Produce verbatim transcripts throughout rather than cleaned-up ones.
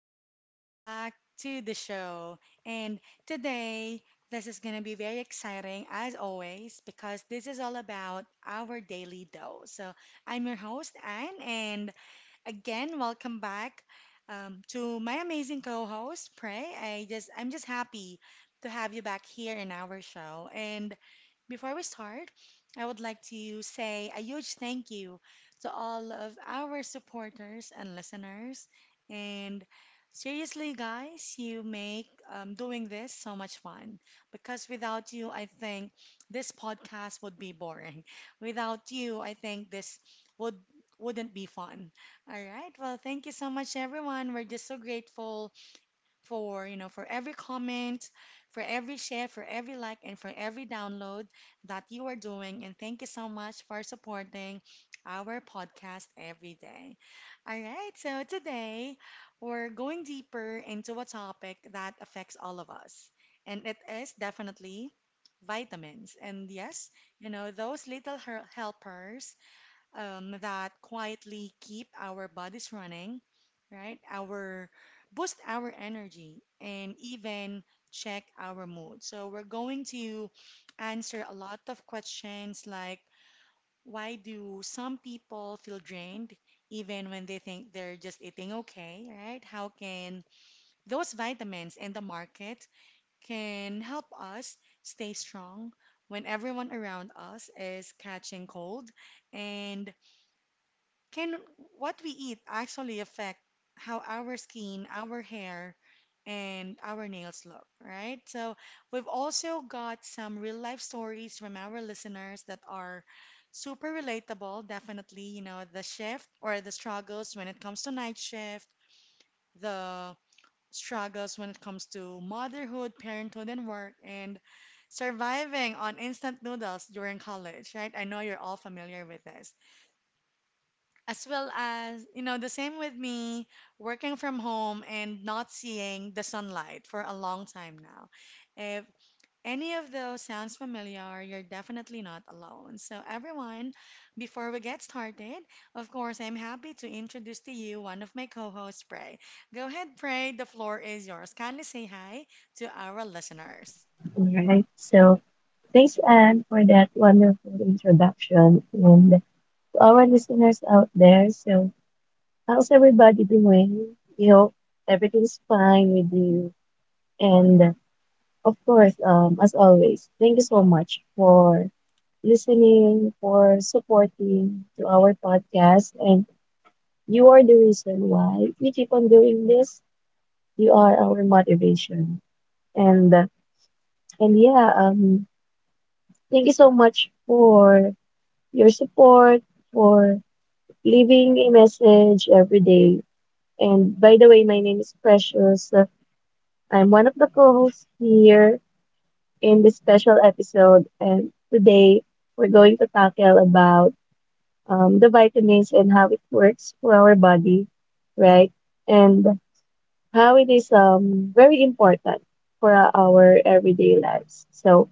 and welcome back to the show. And today, this is going to be very exciting, as always, because this is all about our daily dose. So, I'm your host, Anne, and again, welcome back um, to my amazing co-host, Prey. I just, I'm just happy to have you back here in our show. And before we start, I would like to say a huge thank you to all of our supporters and listeners. And seriously, guys, you make um, doing this so much fun because without you, I think this podcast would be boring. Without you, I think this would wouldn't be fun. All right. Well, thank you so much, everyone. We're just so grateful for you know for every comment, for every share, for every like, and for every download that you are doing. And thank you so much for supporting our podcast every day. All right, so today we're going deeper into a topic that affects all of us, and it is definitely vitamins. And yes, you know those little her- helpers, um, that quietly keep our bodies running, right? Our boost our energy and even check our mood. So we're going to answer a lot of questions like, why do some people feel drained even when they think they're just eating okay, right? How can those vitamins in the market can help us stay strong when everyone around us is catching cold? And can what we eat actually affect how our skin, our hair, and our nails look, right? So we've also got some real life stories from our listeners that are super relatable, definitely, you know, the shift or the struggles when it comes to night shift, the struggles when it comes to motherhood, parenthood, and work, and surviving on instant noodles during college, right? I know you're all familiar with this, as well as you know the same with me, working from home and not seeing the sunlight for a long time now. If any of those sounds familiar, you're definitely not alone. So everyone, before we get started, of course, I'm happy to introduce to you one of my co-hosts, pray go ahead, pray the floor is yours. Kindly say hi to our listeners. All right. So thanks, Anne, for that wonderful introduction. And to our listeners out there, so how's everybody doing? We hope everything's fine with you. And uh, of course, um, as always, thank you so much for listening, for supporting to our podcast. And you are the reason why we keep on doing this. You are our motivation. And uh, and yeah, um, thank you so much for your support for leaving a message every day. And by the way, my name is Precious. I'm one of the co-hosts here in this special episode. And today we're going to tackle about um, the vitamins and how it works for our body, right? And how it is um, very important for our everyday lives. So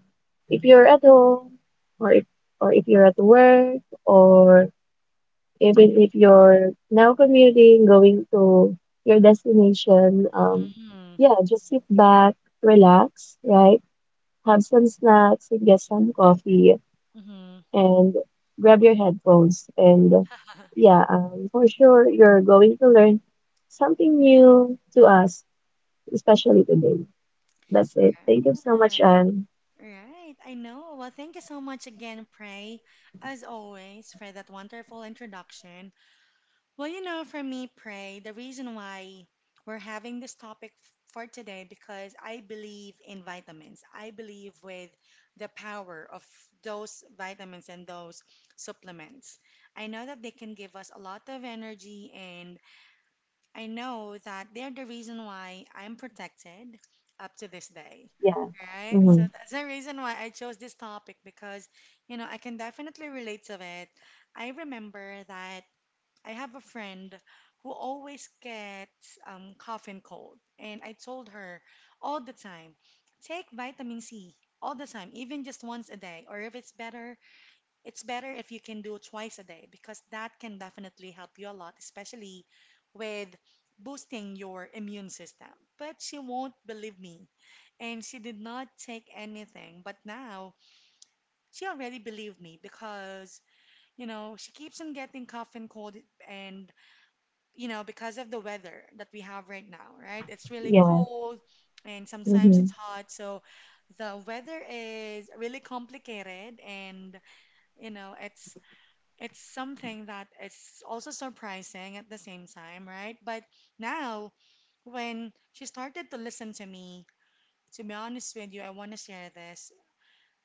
if you're at Hmm. home or if, or if you're at work or even if you're now commuting, going to your destination, um, Hmm. yeah, just sit back, relax, right? Have some snacks and get some coffee Hmm. and grab your headphones. And yeah, um, for sure, you're going to learn something new to us, especially today. That's it. Thank you so Right. much, and Right, I know. Well, thank you so much again, Prey, as always, for that wonderful introduction. Well, you know, for me, Prey, the reason why we're having this topic f- for today because I believe in vitamins. I believe with the power of those vitamins and those supplements. I know that they can give us a lot of energy, and I know that they're the reason why I'm protected up to this day, yeah, right? So mm-hmm. that's the reason why I chose this topic because, you know, I can definitely relate to it. I remember that I have a friend who always gets um, cough and cold, and I told her all the time, take vitamin C all the time, even just once a day, or if it's better, it's better if you can do twice a day, because that can definitely help you a lot, especially with boosting your immune system. But she won't believe me, and she did not take anything. But now she already believed me because, you know, she keeps on getting cough and cold, and, you know, because of the weather that we have right now, right? It's really Yeah. cold, and sometimes it's Mm-hmm. hot. So the weather is really complicated, and, you know, it's it's something that is also surprising at the same time, right? But now, when she started to listen to me, to be honest with you, I want to share this.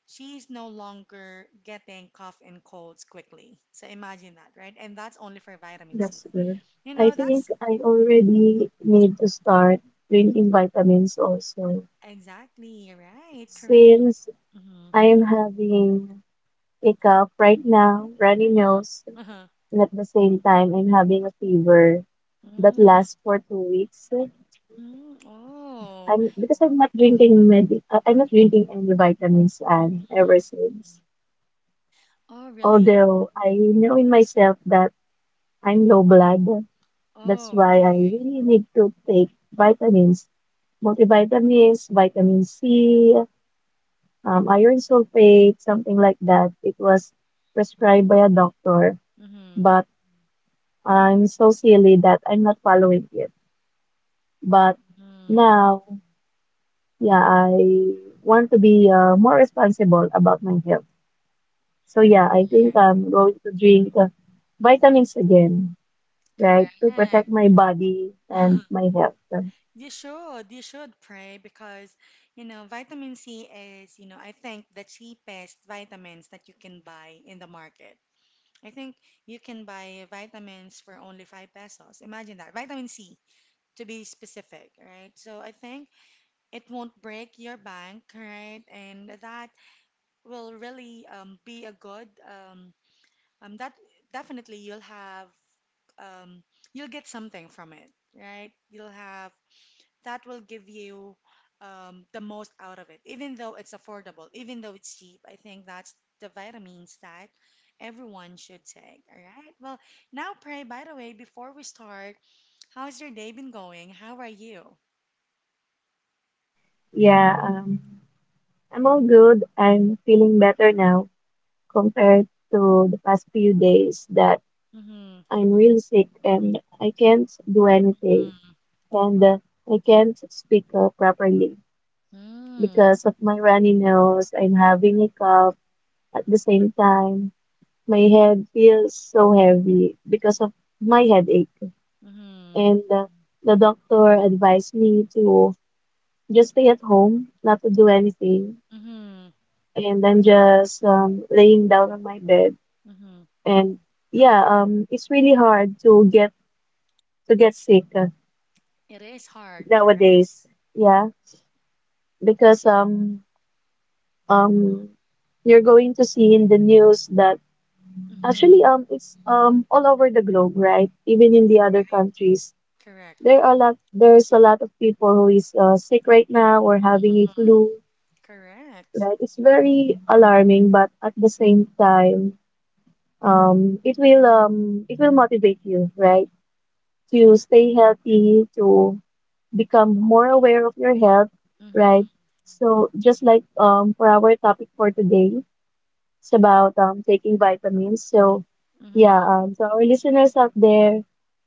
She's no longer getting cough and colds quickly. So imagine that, right? And that's only for vitamin C. That's good. You I know, think that's I already need to start drinking vitamins also. exactly right. Correct. Since Hmm. I am having a cough right now, runny Hmm. nose, Uh-huh. and at the same time I'm having a fever that Mm. lasts for two weeks. Hmm. Oh. I'm because I'm not drinking medi uh, I'm not drinking any vitamins and ever Hmm. since. Oh, really? Although I know in myself that I'm low blood, that's Oh, why I okay. really need to take vitamins multivitamins, vitamin C, um, iron sulfate, something like that. It was prescribed by a doctor, Mm-hmm. but I'm so silly that I'm not following it. But Mm. now, yeah, I want to be uh, more responsible about my health. So yeah, I think I'm going to drink uh, vitamins again, right, to Correct. protect my body and my health. You should, you should Pray, because, you know, vitamin C is, you know, I think the cheapest vitamins that you can buy in the market. I think you can buy vitamins for only five pesos. Imagine that. Vitamin C, to be specific, right? So I think it won't break your bank, right? And that will really um, be a good, um, um, that definitely you'll have, um, you'll get something from it, right? You'll have that will give you um, the most out of it, even though it's affordable, even though it's cheap. I think that's the vitamins that everyone should take. All right. Well, now, Pray, by the way, before we start, how's your day been going? How are you? Yeah, um, I'm all good. I'm feeling better now, compared to the past few days that Mm-hmm. I'm really sick and I can't do anything Mm-hmm. and uh, I can't speak uh, properly because of my runny nose. I'm having a cough at the same time. My head feels so heavy because of my headache. Mm-hmm. And uh, the doctor advised me to just stay at home, not to do anything. Mm-hmm. And I'm just um, laying down on my bed. Mm-hmm. And yeah, um, it's really hard to get to get sick uh, It is hard, nowadays. correct. Yeah, because um um you're going to see in the news that Mm-hmm. actually Right. um it's um all over the globe, right? Even in the other countries, Correct. there are a lot there's a lot of people who is uh, sick right now or having Mm-hmm. a flu, Correct. right? It's very alarming, but at the same time, um it will um it will motivate you, right? To stay healthy, to become more aware of your health, Mm-hmm. right? So just like um for our topic for today, it's about um taking vitamins. So yeah, Mm-hmm. um to our listeners out there,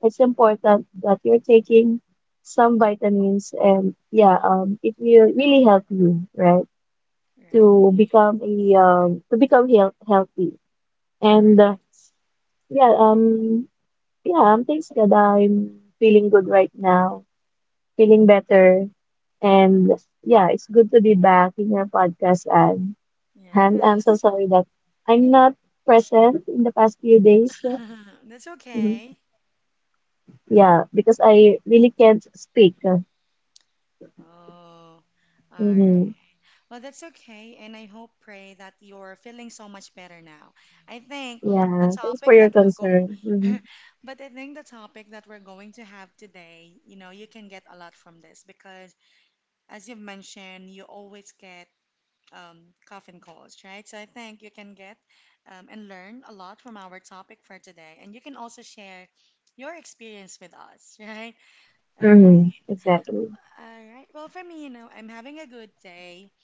it's important that you're taking some vitamins and yeah, Mm-hmm. um it will really help you, right? Right. To become a um to become health healthy. And uh, Correct. yeah, um yeah, um, thanks God I'm feeling good right now, feeling better. And yeah, it's good to be back in your podcast. And And I'm so Yes. sorry that I'm not present in the past few days. That's Mhm. okay. Yeah, because I really can't speak. Oh, all Hmm right. Well, that's okay. And I hope, Pray, that you're feeling so much better now. I think the Yeah, thanks for topic your that we're concern. Hmm going, but I think the topic that we're going to have today, you know, you can get a lot from this, because, as you've mentioned, you always get um, cough and colds, right? So I think you can get um, and learn a lot from our topic for today. And you can also share your experience with us, right? All right. hmm Exactly. All right. Well, for me, you know, I'm having a good day.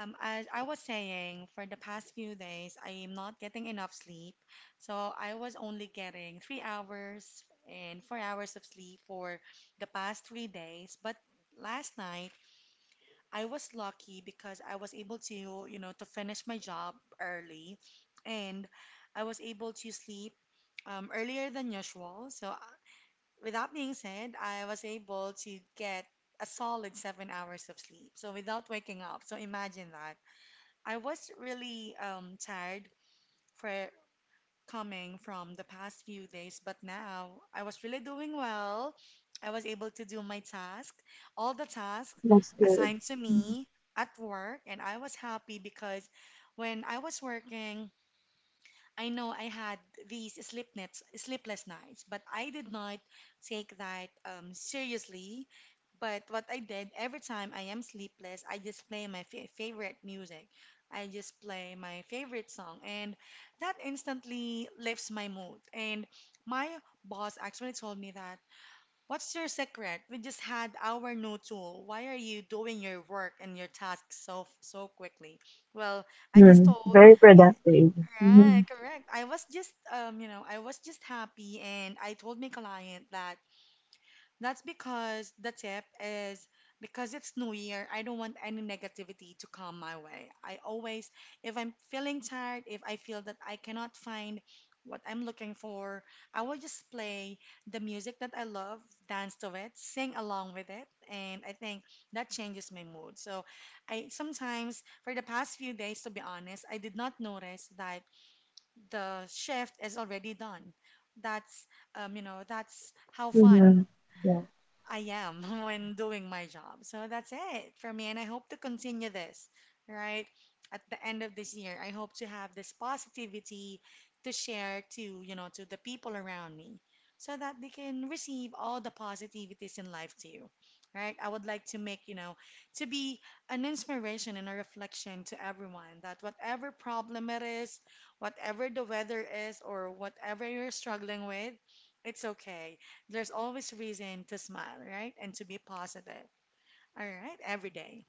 Um, as I was saying, for the past few days, I am not getting enough sleep. So I was only getting three hours and four hours of sleep for the past three days. But last night, I was lucky because I was able to, you know, to finish my job early, and I was able to sleep um, earlier than usual. So with that being said, I was able to get a solid seven hours of sleep. So without waking up. So imagine that. I was really um, tired for coming from the past few days, but now I was really doing well. I was able to do my task, all the tasks That's good. assigned to me at work, and I was happy because when I was working, I know I had these sleepless sleepless nights, but I did not take that um, seriously. But what I did every time I am sleepless, I just play my fa favorite music. I just play my favorite song, and that instantly lifts my mood. And my boss actually told me that, "What's your secret? We just had our new tool. Why are you doing your work and your tasks so so quickly?" Well, I just Hmm told. Very productive. Hmm Right, correct. I was just, um, you know, I was just happy, and I told my client that that's because the tip is, because it's New Year. I don't want any negativity to come my way. I always, if I'm feeling tired, if I feel that I cannot find what I'm looking for, I will just play the music that I love, dance to it, sing along with it, and I think that changes my mood. So, I sometimes, for the past few days, to be honest, I did not notice that the shift is already done. That's um, you know, that's how fun hmm Yeah. I am when doing my job. So that's it for me. And I hope to continue this, right? At the end of this year, I hope to have this positivity to share to, you know, to the people around me so that they can receive all the positivities in life too, right? I would like to make, you know, to be an inspiration and a reflection to everyone that whatever problem it is, whatever the weather is, or whatever you're struggling with, it's okay. There's always reason to smile, right? And to be positive. All right, every day.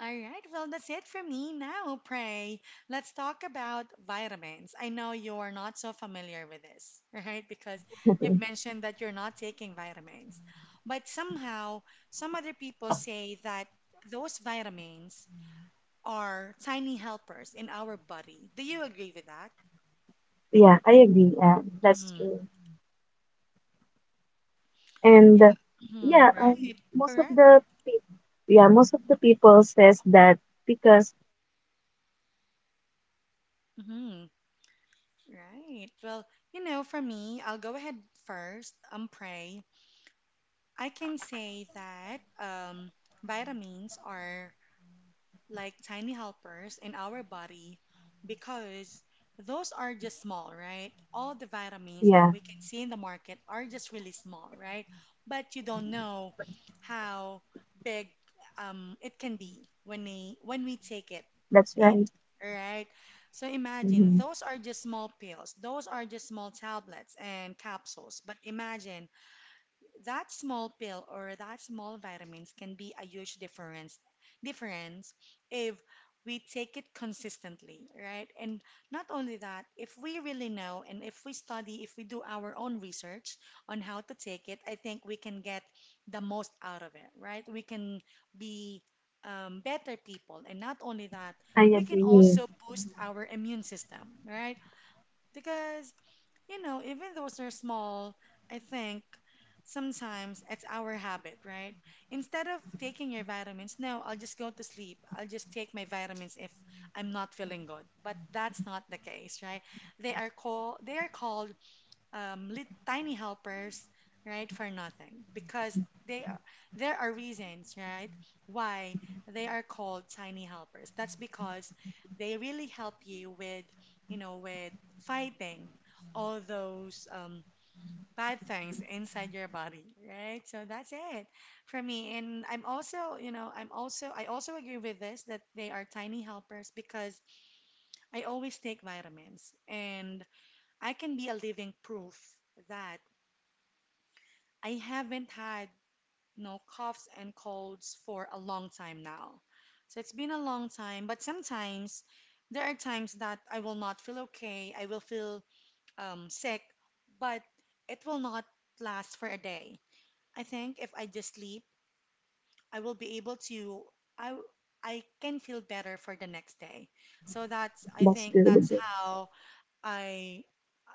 All right, well, that's it for me now, Pray. Let's talk about vitamins. I know you're not so familiar with this, right? Because you've mentioned that you're not taking vitamins. But somehow, some other people say that those vitamins are tiny helpers in our body. Do you agree with that? Yeah, I agree, Anne. That's Hmm. true. And Yeah. uh, Hmm. yeah, um, Right. most of Correct. the people, yeah, most of the people says that because Hmm. Right. Well, you know, for me, I'll go ahead first. Um, pray. I can say that um, vitamins are like tiny helpers in our body because those are just small, right? All the vitamins that yeah, we can see in the market are just really small, right? But you don't know how big um, it can be when we when we take it that's in, right. right? So imagine hmm those are just small pills, those are just small tablets and capsules. But imagine that small pill or that small vitamins can be a huge difference difference if we take it consistently, right? And not only that, if we really know and if we study, if we do our own research on how to take it, I think we can get the most out of it, right? We can be um, better people. And not only that, I we can agree. also boost our immune system, right? Because you know, even those are small, I think sometimes it's our habit, right? Instead of taking your vitamins, no, I'll just go to sleep. I'll just take my vitamins if I'm not feeling good. But that's not the case, right? They are called they are called um, lit, tiny helpers, right, for nothing because they are, there are reasons, right, why they are called tiny helpers. That's because they really help you with, you know, with fighting all those um, bad things inside your body, right? So that's it for me. And I'm also, you know, I'm also, I also agree with this that they are tiny helpers because I always take vitamins and I can be a living proof that I haven't had no coughs and colds for a long time now. So it's been a long time, but sometimes there are times that I will not feel okay. I will feel um, sick, but it will not last for a day. I think if I just sleep, I will be able to I I can feel better for the next day. So that's I That's think that's good. how I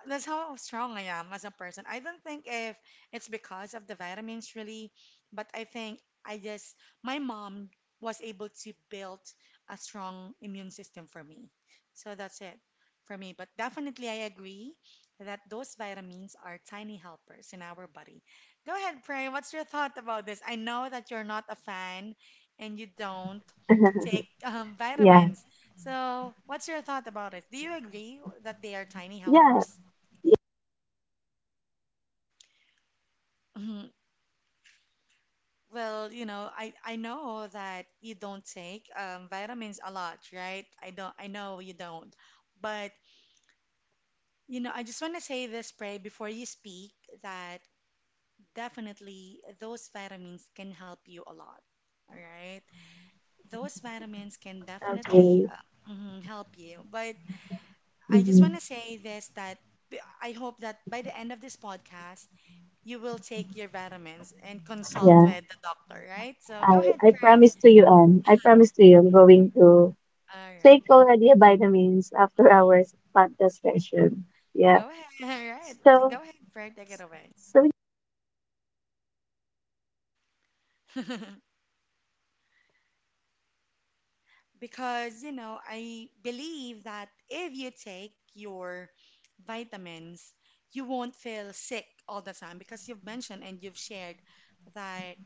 that's how strong I am as a person. I don't think if it's because of the vitamins really, but I think I just my mom was able to build a strong immune system for me. So that's it for me. But definitely I agree that those vitamins are tiny helpers in our body. Go ahead, Pray. What's your thought about this? I know that you're not a fan and you don't take um, Yeah, vitamins. So, what's your thought about it? Do you agree that they are tiny yeah, helpers? Mhm. Well, you know, I I know that you don't take um, vitamins a lot, right? I don't. I know you don't. But you know, I just want to say this, Pray, before you speak, that definitely those vitamins can help you a lot. All right, those vitamins can definitely okay. uh, mhm, help you. But I just want Mm-hmm. to say this that b- I hope that by the end of this podcast, you will take your vitamins and consult Yeah, with the doctor, right? So go I ahead, I Pray. promise to you, Anne. I promise to you, I'm going to All right. take already a vitamins after Mm. our podcast session. Yeah. Go ahead. All right. Go So, ahead, Fred. Take it away. so Because, you know, I believe that if you take your vitamins, you won't feel sick all the time because you've mentioned and you've shared that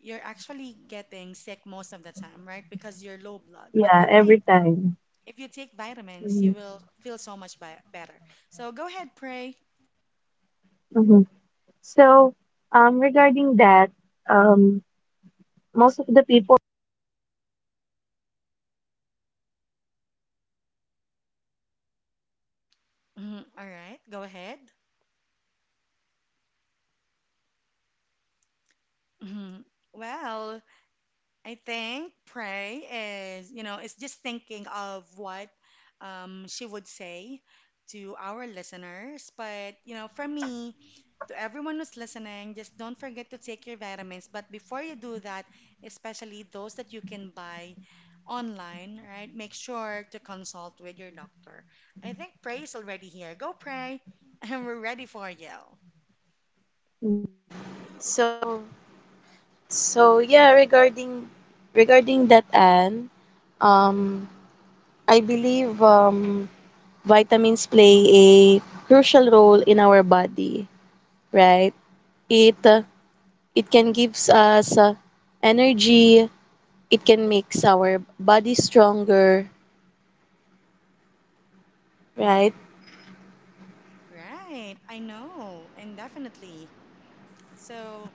you're actually getting sick most of the time, right? Because you're low blood. But yeah, I every think time. if you take vitamins, you Mm-hmm. will feel so much bi- better. So go ahead, pray. hmm So, um, regarding that, um. most of the people Mhm. All right. Go ahead. Mhm. Well, I think pray is, you know, it's just thinking of what um, she would say to our listeners. But, you know, for me, to everyone who's listening, just don't forget to take your vitamins. But before you do that, especially those that you can buy online, right, make sure to consult with your doctor. I think pray is already here. Go pray, and we're ready for you. So so yeah, regarding regarding that, Anne, um I believe um vitamins play a crucial role in our body, right? It uh, it can gives us uh, energy, it can makes our body stronger, right? Right, I know, and definitely. So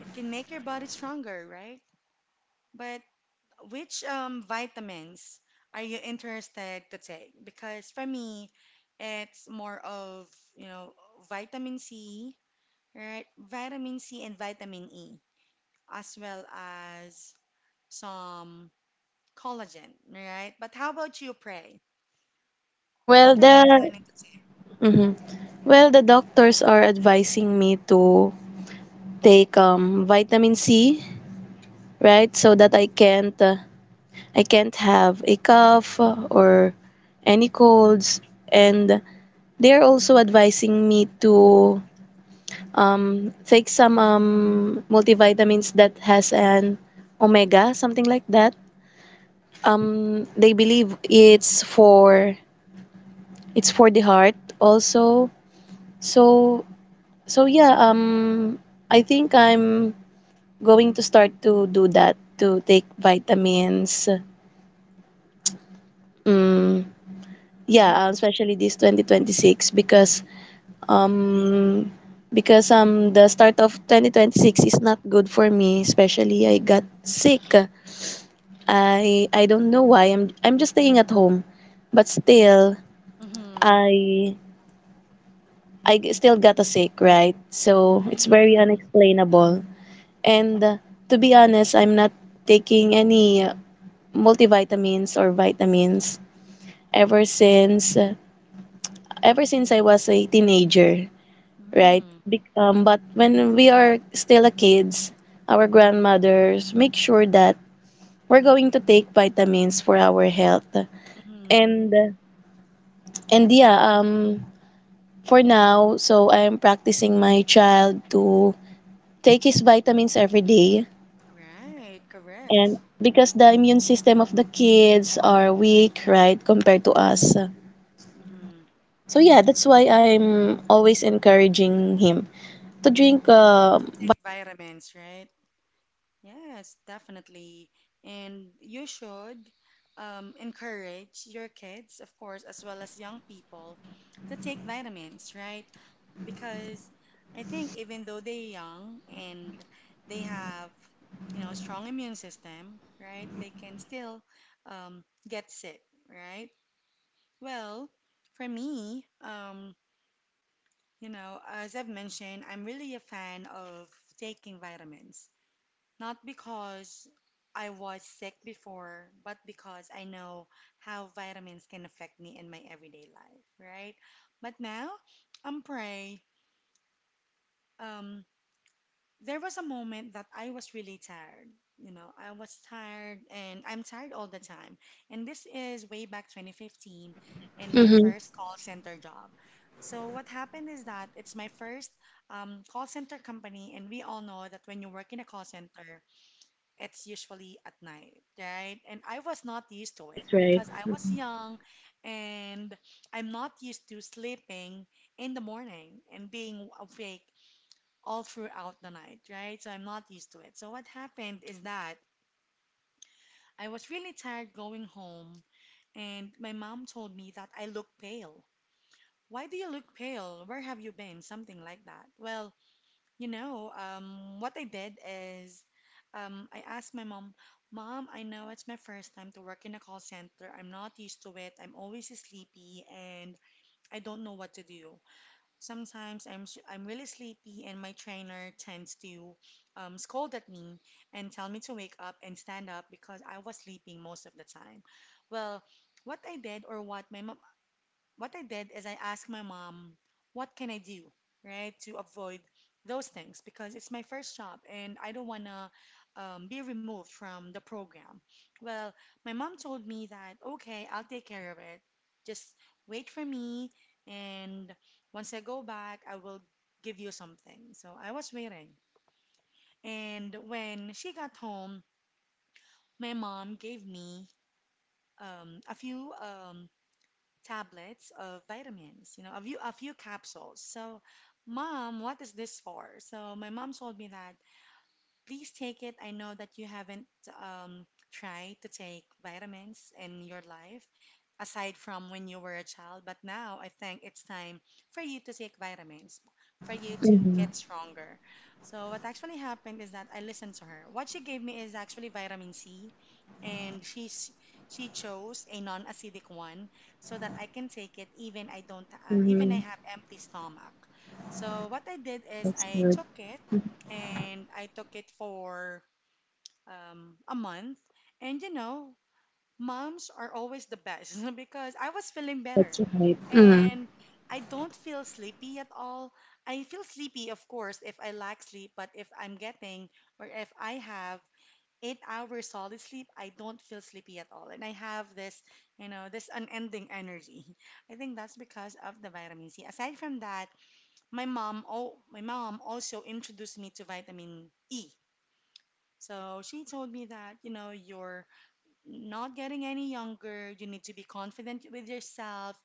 it can make your body stronger, right? But which um, vitamins are you interested to take? Because for me, it's more of, you know, vitamin C, right? Vitamin C and vitamin E, as well as some collagen, right? But how about you, Pray? What are you planning to take? Mm, Me to take vitamin D, right? So that I can't uh, I can't have a cough or any colds. And they're also advising me to um, take some um, multivitamins that has an omega, something like that. Um, they believe it's for it's for the heart also. So so yeah, um, I think I'm going to start to do that, to take vitamins. Um, yeah, uh, Mm-hmm. especially this twenty twenty-six, because um because um the start of twenty twenty-six is not good for me, especially I got sick. I I don't know why, I'm I'm just staying at home, but still Mm-hmm. I I still got a sick, right? So it's very Mm-hmm. unexplainable. And uh, to be honest, I'm not taking any uh, multivitamins or vitamins ever since uh, ever since I was a teenager, right? Mm-hmm. Bec- um, but when we are still a kids, our grandmothers make sure that we're going to take vitamins for our health. Mm-hmm. And and yeah, um for now, so I'm practicing my child to take his vitamins every day, Right, correct. and because the immune system of the kids are weak, right, compared to us. Hmm. So yeah, that's why I'm always encouraging him to drink um. Take vitamins, right? Yes, definitely. And you should um, encourage your kids, of course, as well as young people, to take vitamins, right? Because I think even though they're young and they have, you know, strong immune system, right? They can still um, get sick, right? Well, for me, um, you know, as I've mentioned, I'm really a fan of taking vitamins. Not because I was sick before, but because I know how vitamins can affect me in my everyday life, right? But now, I'm pray. Um, there was a moment that I was really tired. You know, I was tired and I'm tired all the time. And this is way back twenty fifteen in my Mhm. first call center job. So what happened is that it's my first um, call center company, and we all know that when you work in a call center, it's usually at night, right? And I was not used to it because I was young and I'm not used to sleeping in the morning and being awake all throughout the night, right? So I'm not used to it. So what happened is that I was really tired going home and my mom told me that I look pale. Why do you look pale? Where have you been? Something like that. Well, you know, um, what I did is um, I asked my mom, Mom, I know it's my first time to work in a call center. I'm not used to it. I'm always sleepy and I don't know what to do. Sometimes I'm, s- I'm really sleepy and my trainer tends to um, scold at me and tell me to wake up and stand up because I was sleeping most of the time. Well, what I did or what my mom, what I did is I asked my mom, what can I do, right, to avoid those things because it's my first job and I don't want to um, be removed from the program. Well, my mom told me that, okay, I'll take care of it. Just wait for me, and once I go back, I will give you something. So I was waiting. And when she got home, my mom gave me um, a few um, tablets of vitamins, you know, a few a few capsules. So, mom, what is this for? So my mom told me that Please take it. I know that you haven't um, tried to take vitamins in your life aside from when you were a child, but now I think it's time for you to take vitamins, for you to Mhm. get stronger. So, what actually happened is that I listened to her. What she gave me is actually vitamin C, and she, s- she chose a non acidic one so that I can take it even I don't uh, even I Mhm. have empty stomach. So what I did is That's I good. took it and I took it for um, a month. And you know, moms are always the best because I was feeling better. That's right. Mm, And I don't feel sleepy at all. I feel sleepy, of course, if I lack sleep, but if I'm getting or if I have eight hours solid sleep, I don't feel sleepy at all. And I have this, you know, this unending energy. I think that's because of the vitamin C. Aside from that, my mom, oh, my mom also introduced me to vitamin E. So she told me that, you know, you're not getting any younger. You need to be confident with yourself.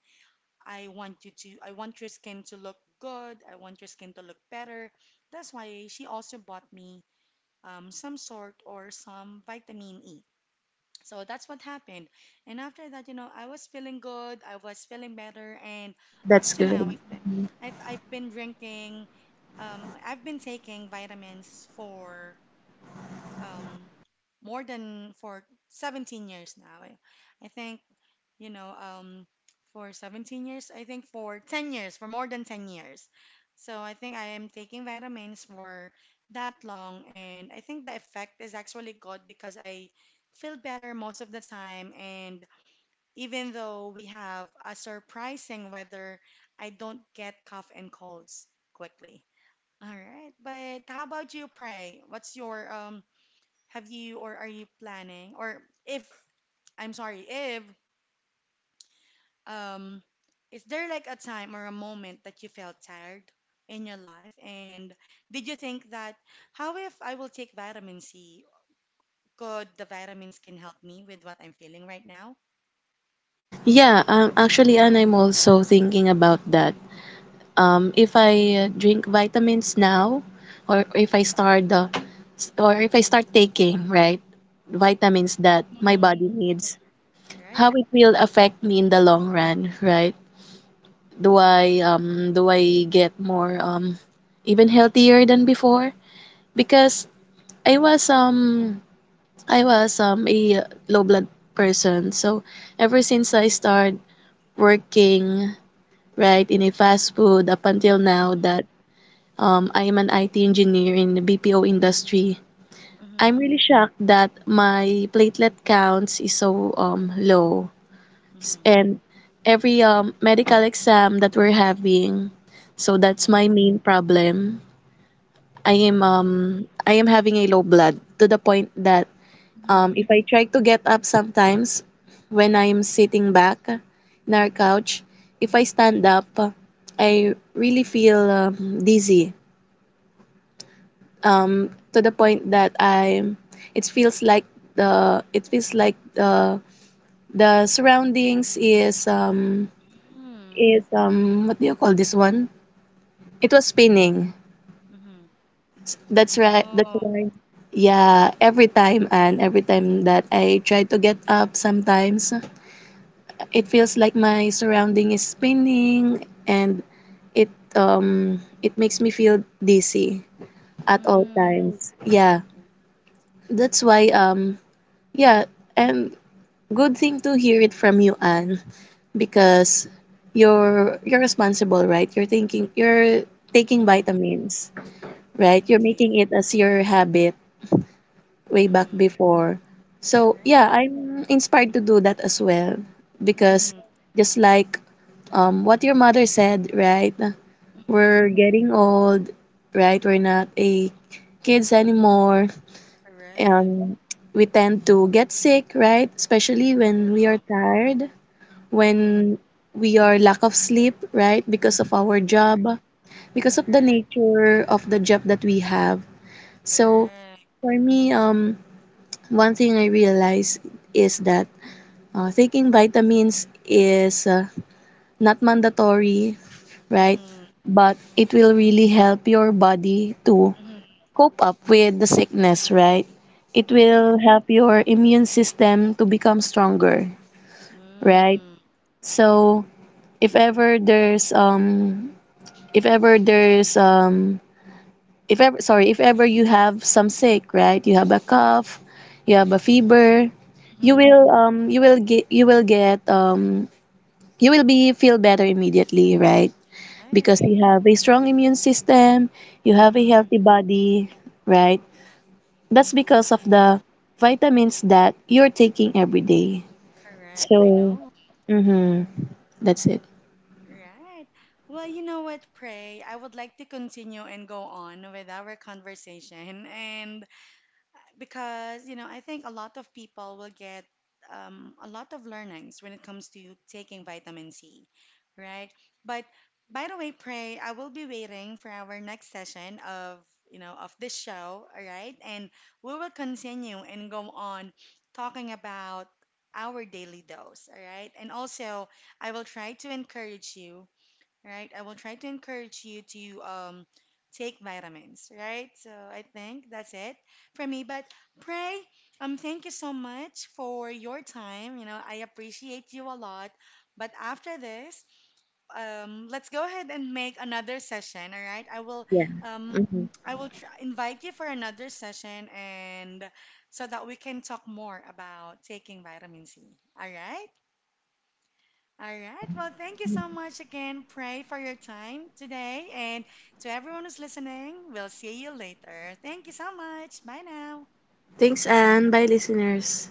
I want you to, I want your skin to look good. I want your skin to look better. That's why she also bought me um, some sort or some vitamin E. So that's what happened. And after that, you know, I was feeling good. I was feeling better. And up that's to now, I good. th I've, I've been drinking, um, I've been taking vitamins for um, more than for seventeen years now. I, I think, you know, um, for seventeen years, I think for ten years, for more than ten years. So I think I am taking vitamins for that long, and I think the effect is actually good because I feel better most of the time. And even though we have a surprising weather, I don't get cough and colds quickly. All right, but how about you, Pray? What's your um have you or are you planning or if I'm sorry, if um is there like a time or a moment that you felt tired in your life and did you think that how if I will take vitamin C? Could the vitamins can help me with what I'm feeling right now? Yeah, um, actually, and I'm also thinking about that. Um, if I uh, drink vitamins now, or if I start the, or if I start taking right vitamins that Mm-hmm. my Mm-hmm. body needs, Right. how it will affect me in the long run, right? Do I um do I get more um even healthier than before? Because I was um I was um a low blood person, so ever since I Mm-hmm. started working right in a fast food, up until now that Um, I am an I T engineer in the B P O industry. I'm Mm-hmm. really shocked that my platelet counts is so um, low. Mm-hmm. And every um, medical exam that we're having, so that's Mm-hmm. my main problem. I am um, I am having a low blood to the point that Mm-hmm. um, if I try to get up sometimes when I am sitting back in our couch, if I stand up, I really feel um, dizzy, um, to the point that I it feels like the it feels like the the surroundings is um Mm-hmm. is um, what do you call this one? It was spinning. Mm-hmm. That's right. That's Oh. right. Yeah, every time and every time that I try to get up, sometimes it feels like my surrounding is spinning and it um it makes me feel dizzy at all Mm-hmm. times. Yeah, that's why um yeah, and good thing to hear it from you, Anne, because you're you're responsible, right? You're thinking you're taking vitamins, right? You're Definitely. making it as your habit way back Mm-hmm. before. So yeah, Right. I'm inspired to do that as well because Mm-hmm. just like um what your mother said, right? Mm-hmm. We're getting old, right? We're not a kids anymore, Correct. and we tend to get sick, right? Especially I know. when we are tired, Mm-hmm. when we are lack of sleep, right? Because of our Correct. job, because of the Correct. nature of the job that we have. So Correct. for me, um, one thing I realize is that uh, taking vitamins is uh, not mandatory, right? Mm-hmm. But it will really help your body to Mm-hmm. cope up with the sickness, right? It will Right. help your immune system to become stronger, right? Mm-hmm. So if ever there's um if ever there's um if ever sorry if ever you have some sick, right, you have a cough, you have a fever, you Mm-hmm. will um you will get you will get um you will be feel better immediately, right? Because Right. you have a strong immune system, you have a Mm-hmm. healthy body, right? That's because of the vitamins that you're taking every day. Correct. I So know. mm-hmm, that's it. Right. Well, you know what, Pray? I would like to continue and go on with our conversation. And because you know I think a lot of people will get um, a lot of learnings when it comes to taking vitamin C, right? But by the way, Pray, I will be waiting for our next session of you know of this show, all right? And we will continue and go on talking about our daily dose, all right? And also, I will try to encourage you right? I will try to encourage you to um, take vitamins, right? So I think that's it for me. But pray, um, thank you so much for your time. You know, I appreciate you a lot. But after this, um, let's go ahead and make another session, all right? I will, Yeah. um, hmm I will tr invite you for another session and so that we can talk more about taking vitamin C, all right? All Yeah. right. Well, thank you so much again, Pray, for your time today. And to everyone who's listening, we'll see you later. Thank you so much. Bye now. Thanks, and bye, listeners.